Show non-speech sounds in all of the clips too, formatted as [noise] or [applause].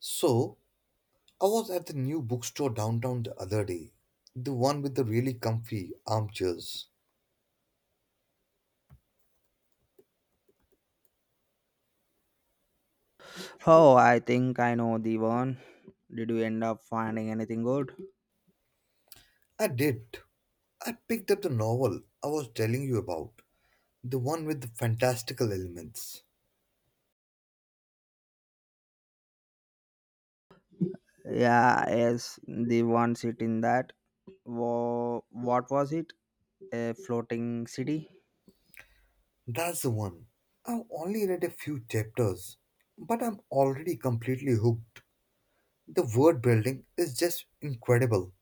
So, I was at the new bookstore downtown the other day, the one with the really comfy armchairs. Oh, I think I know the one. Did you end up finding anything good? I did. I picked up the novel I was telling you about, the one with the fantastical elements. Yeah, yes, the one sitting that. Wha what was it? A floating city? That's the one. I've only read a few chapters, but I'm already completely hooked. The word building is just incredible.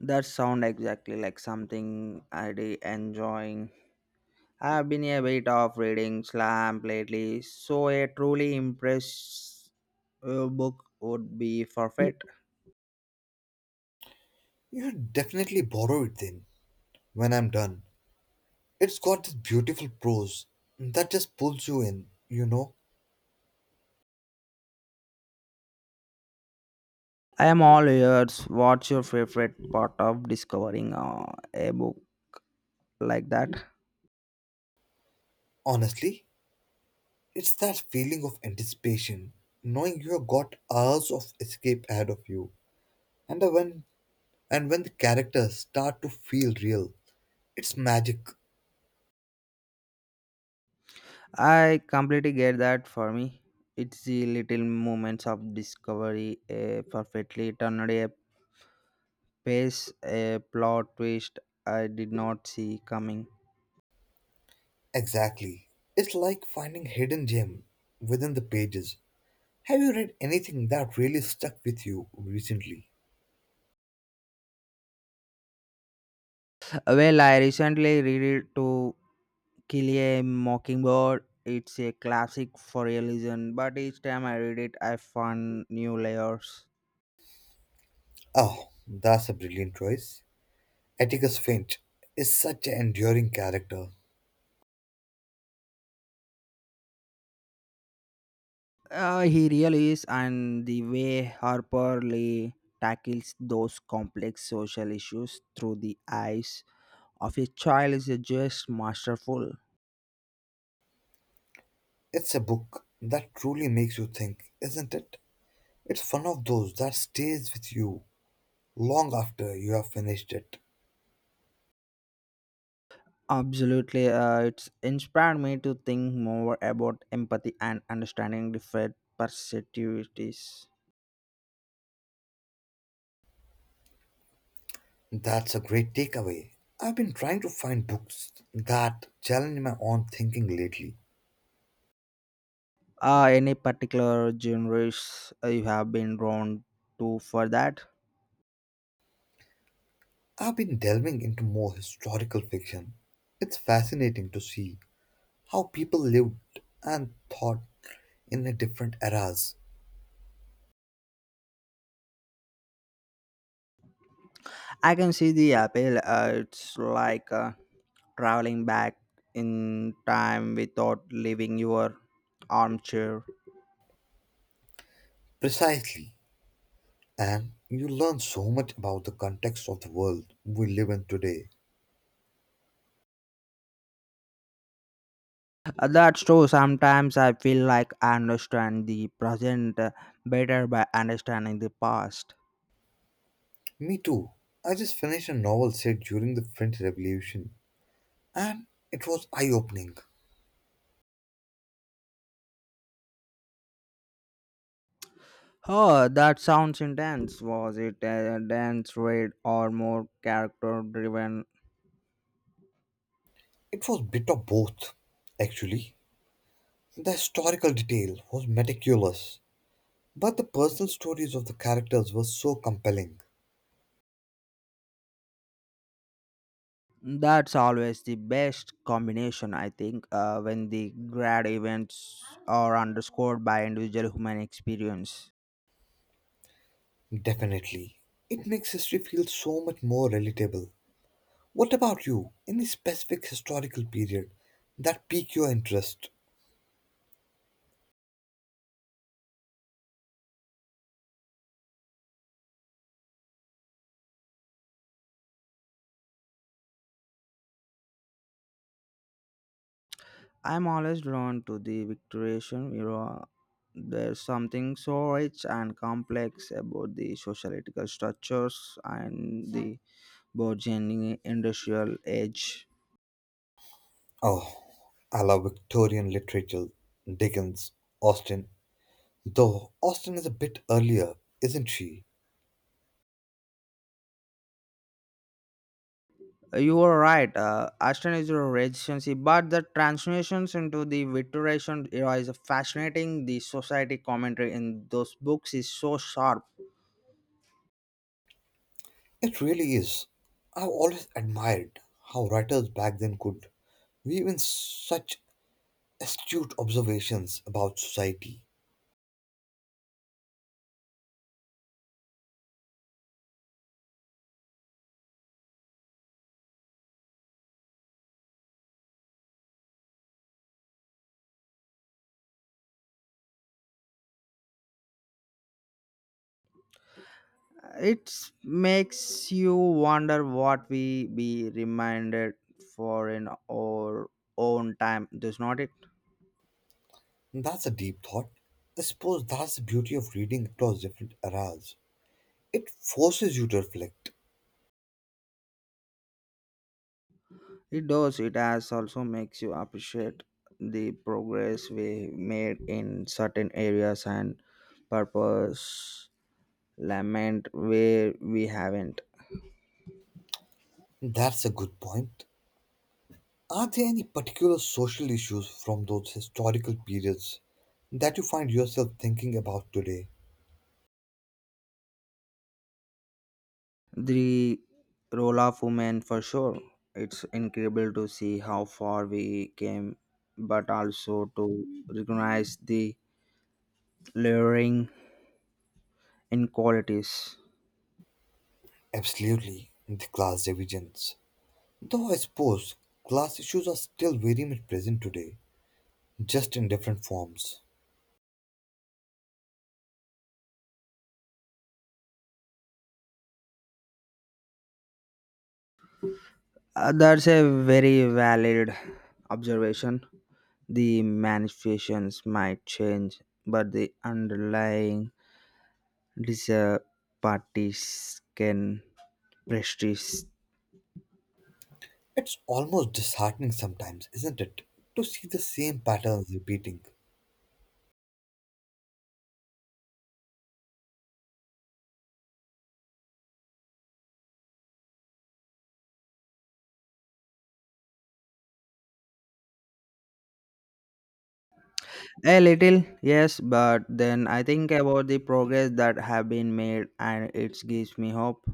That sound exactly like something I'd be enjoying. I've been a bit of reading slam lately, so a truly impressive book would be perfect. You should definitely borrow it then, when I'm done. It's got this beautiful prose that just pulls you in, I am all ears. What's your favorite part of discovering a book like that? honestly. It's that feeling of anticipation, knowing you've got hours of escape ahead of you. And the when and when the characters start to feel real, it's magic. I completely get that for me. It's the little moments of discovery, a perfectly turned a pace, a plot twist I did not see coming. Exactly. It's like finding hidden gem within the pages. Have you read anything that really stuck with you recently? Well, I recently read it to Kill a Mockingbird. It's a classic for a reason, but each time I read it, I find new layers. Oh, that's a brilliant choice. Atticus Finch is such an enduring character. He really is, and the way Harper Lee tackles those complex social issues through the eyes of a child is just masterful. It's a book that truly makes you think, isn't it? It's one of those that stays with you long after you have finished it. Absolutely, it's inspired me to think more about empathy and understanding different perspectives. That's a great takeaway. I've been trying to find books that challenge my own thinking lately. Any particular genres you have been drawn to for that? I've been delving into more historical fiction. It's fascinating to see how people lived and thought in the different eras. I can see the appeal. It's like traveling back in time without leaving your armchair. Precisely. And you learn so much about the context of the world we live in today. That's true. Sometimes I feel like I understand the present better by understanding the past. Me too. I just finished a novel set during the French Revolution and it was eye opening. Oh, that sounds intense. Was it a dense read or more character driven? It was bit of both, actually. The historical detail was meticulous, but the personal stories of the characters were so compelling. That's always the best combination, I think, when the grad events are underscored by individual human experience. Definitely. It makes history feel so much more relatable. What about you? Any specific historical period that piqued your interest? I'm always drawn to the Victorian era. There's something so rich and complex about the sociological structures and the burgeoning industrial age. Oh, I love Victorian literature. Dickens, Austen. Though Austen is a bit earlier, isn't she? You are right, Ashton is a regency, but the translations into the Victorian era is a fascinating. The society commentary in those books is so sharp. It really is. I've always admired how writers back then could We in such astute observations about society. It makes you wonder what we be reminded for in our own time, does not it? That's a deep thought. I suppose that's the beauty of reading across different eras. It forces you to reflect. It does. It has also makes you appreciate the progress we made in certain areas and purpose lament where we haven't. That's a good point. Are there any particular social issues from those historical periods that you find yourself thinking about today? The role of women for sure. It's incredible to see how far we came, but also to recognize the layering inequalities. Absolutely, the class divisions. Though I suppose class issues are still very much present today, just in different forms. That's a very valid observation. The manifestations might change, but the underlying disparities can persist. It's almost disheartening sometimes, isn't it, to see the same patterns repeating. A little, yes, but then I think about the progress that have been made, and it gives me hope.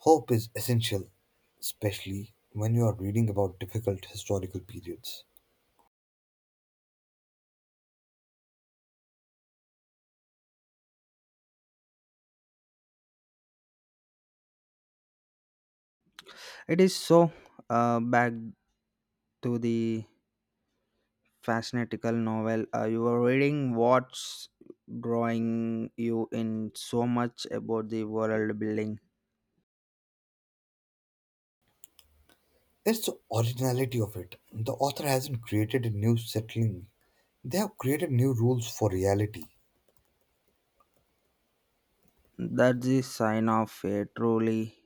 Hope is essential, especially when you are reading about difficult historical periods. It is so. Back to the Fascinatical novel. You are reading what's drawing you in so much about the world building. It's the originality of it. The author hasn't created a new settling, they have created new rules for reality. That's the sign of a truly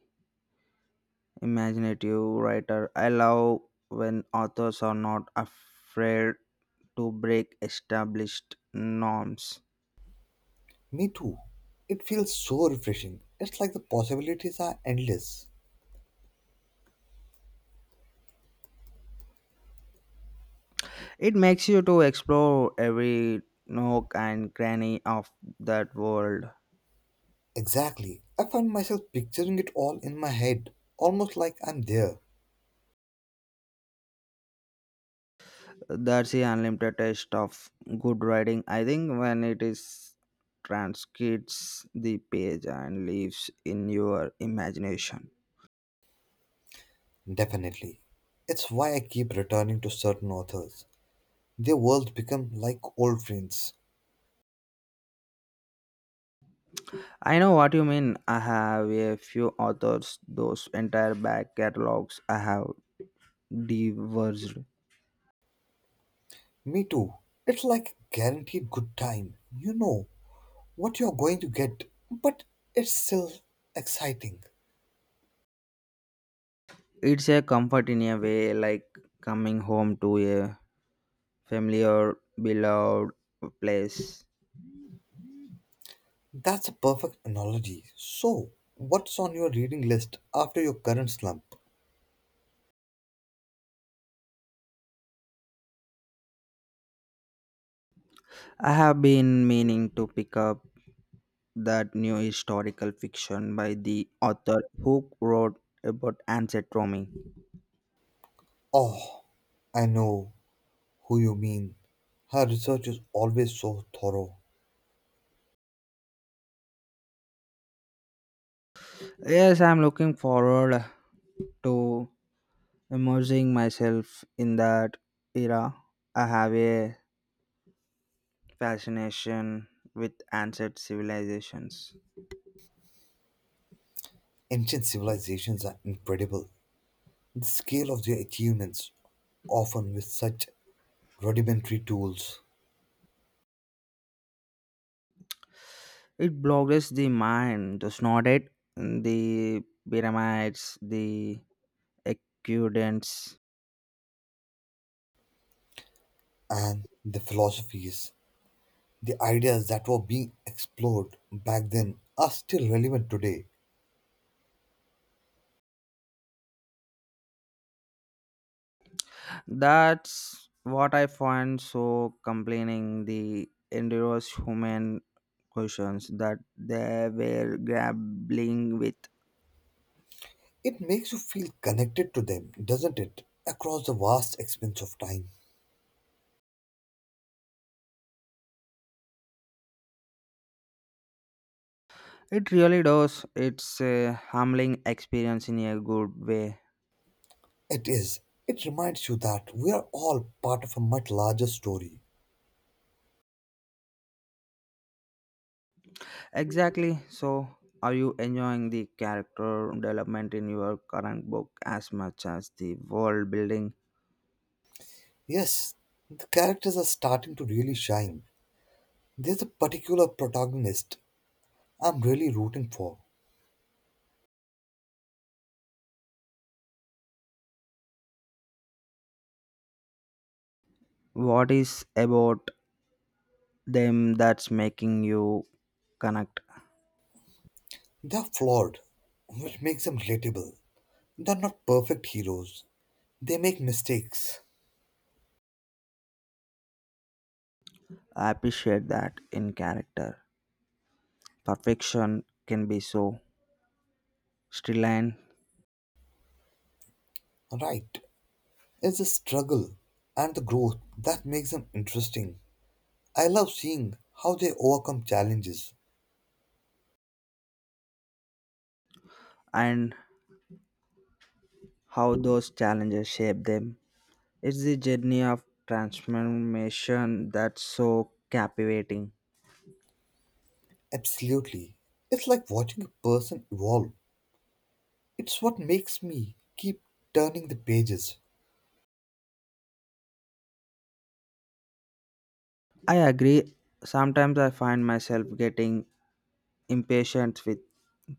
imaginative writer. I love when authors are not afraid to break established norms. Me too. It feels so refreshing. It's like the possibilities are endless. It makes you to explore every nook and cranny of that world. Exactly. I find myself picturing it all in my head, almost like I'm there. That's the unlimited taste of good writing. I think when it is transcribes the page and lives in your imagination. Definitely. It's why I keep returning to certain authors. Their worlds become like old friends. I know what you mean. I have a few authors, those entire back catalogs I have devoured. Me too. It's like a guaranteed good time. You know what you're going to get, but it's still exciting. It's a comfort in a way, like coming home to a familiar, beloved place. That's a perfect analogy. So, what's on your reading list after your current slump? I have been meaning to pick up that new historical fiction by the author who wrote about ancient Rome. Oh, I know who you mean. Her research is always so thorough. Yes, I'm looking forward to immersing myself in that era. I have a fascination with ancient civilizations. Ancient civilizations are incredible. The scale of their achievements often with such rudimentary tools It boggles the mind, does not it? The pyramids, the aqueducts. and the philosophies, the ideas that were being explored back then are still relevant today. That's what I find so complaining the endurous human questions that they were grappling with. It makes you feel connected to them, doesn't it? Across the vast expanse of time. It really does. It's a humbling experience in a good way. It is. It reminds you that we are all part of a much larger story. Exactly. So, are you enjoying the character development in your current book as much as the world building? Yes, the characters are starting to really shine. There's a particular protagonist I'm really rooting for. What is about them that's making you connect? They're flawed, which makes them relatable. They're not perfect heroes. They make mistakes. I appreciate that in character. Perfection can be so stricken Right. It's the struggle and the growth that makes them interesting. I love seeing how they overcome challenges. and how those challenges shape them. It's the journey of transformation that's so captivating. Absolutely. It's like watching a person evolve. It's what makes me keep turning the pages. I agree. Sometimes I find myself getting impatient with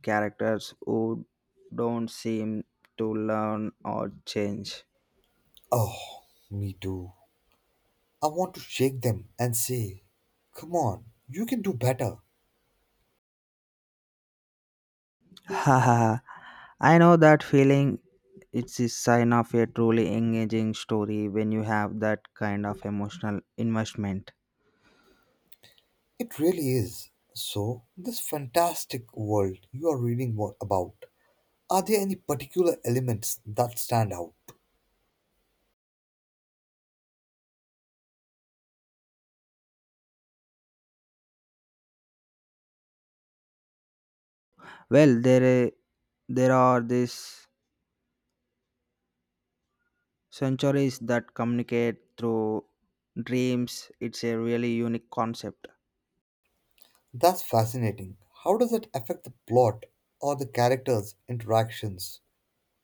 characters who don't seem to learn or change. Oh, me too. I want to shake them and say, come on, you can do better. [laughs] Haha. I know that feeling. It's a sign of a truly engaging story when you have that kind of emotional investment. It really is. So, this fantastic world you are reading about, are there any particular elements that stand out? Well, there are these centuries that communicate through dreams. It's a really unique concept. That's fascinating. How does it affect the plot or the characters' interactions?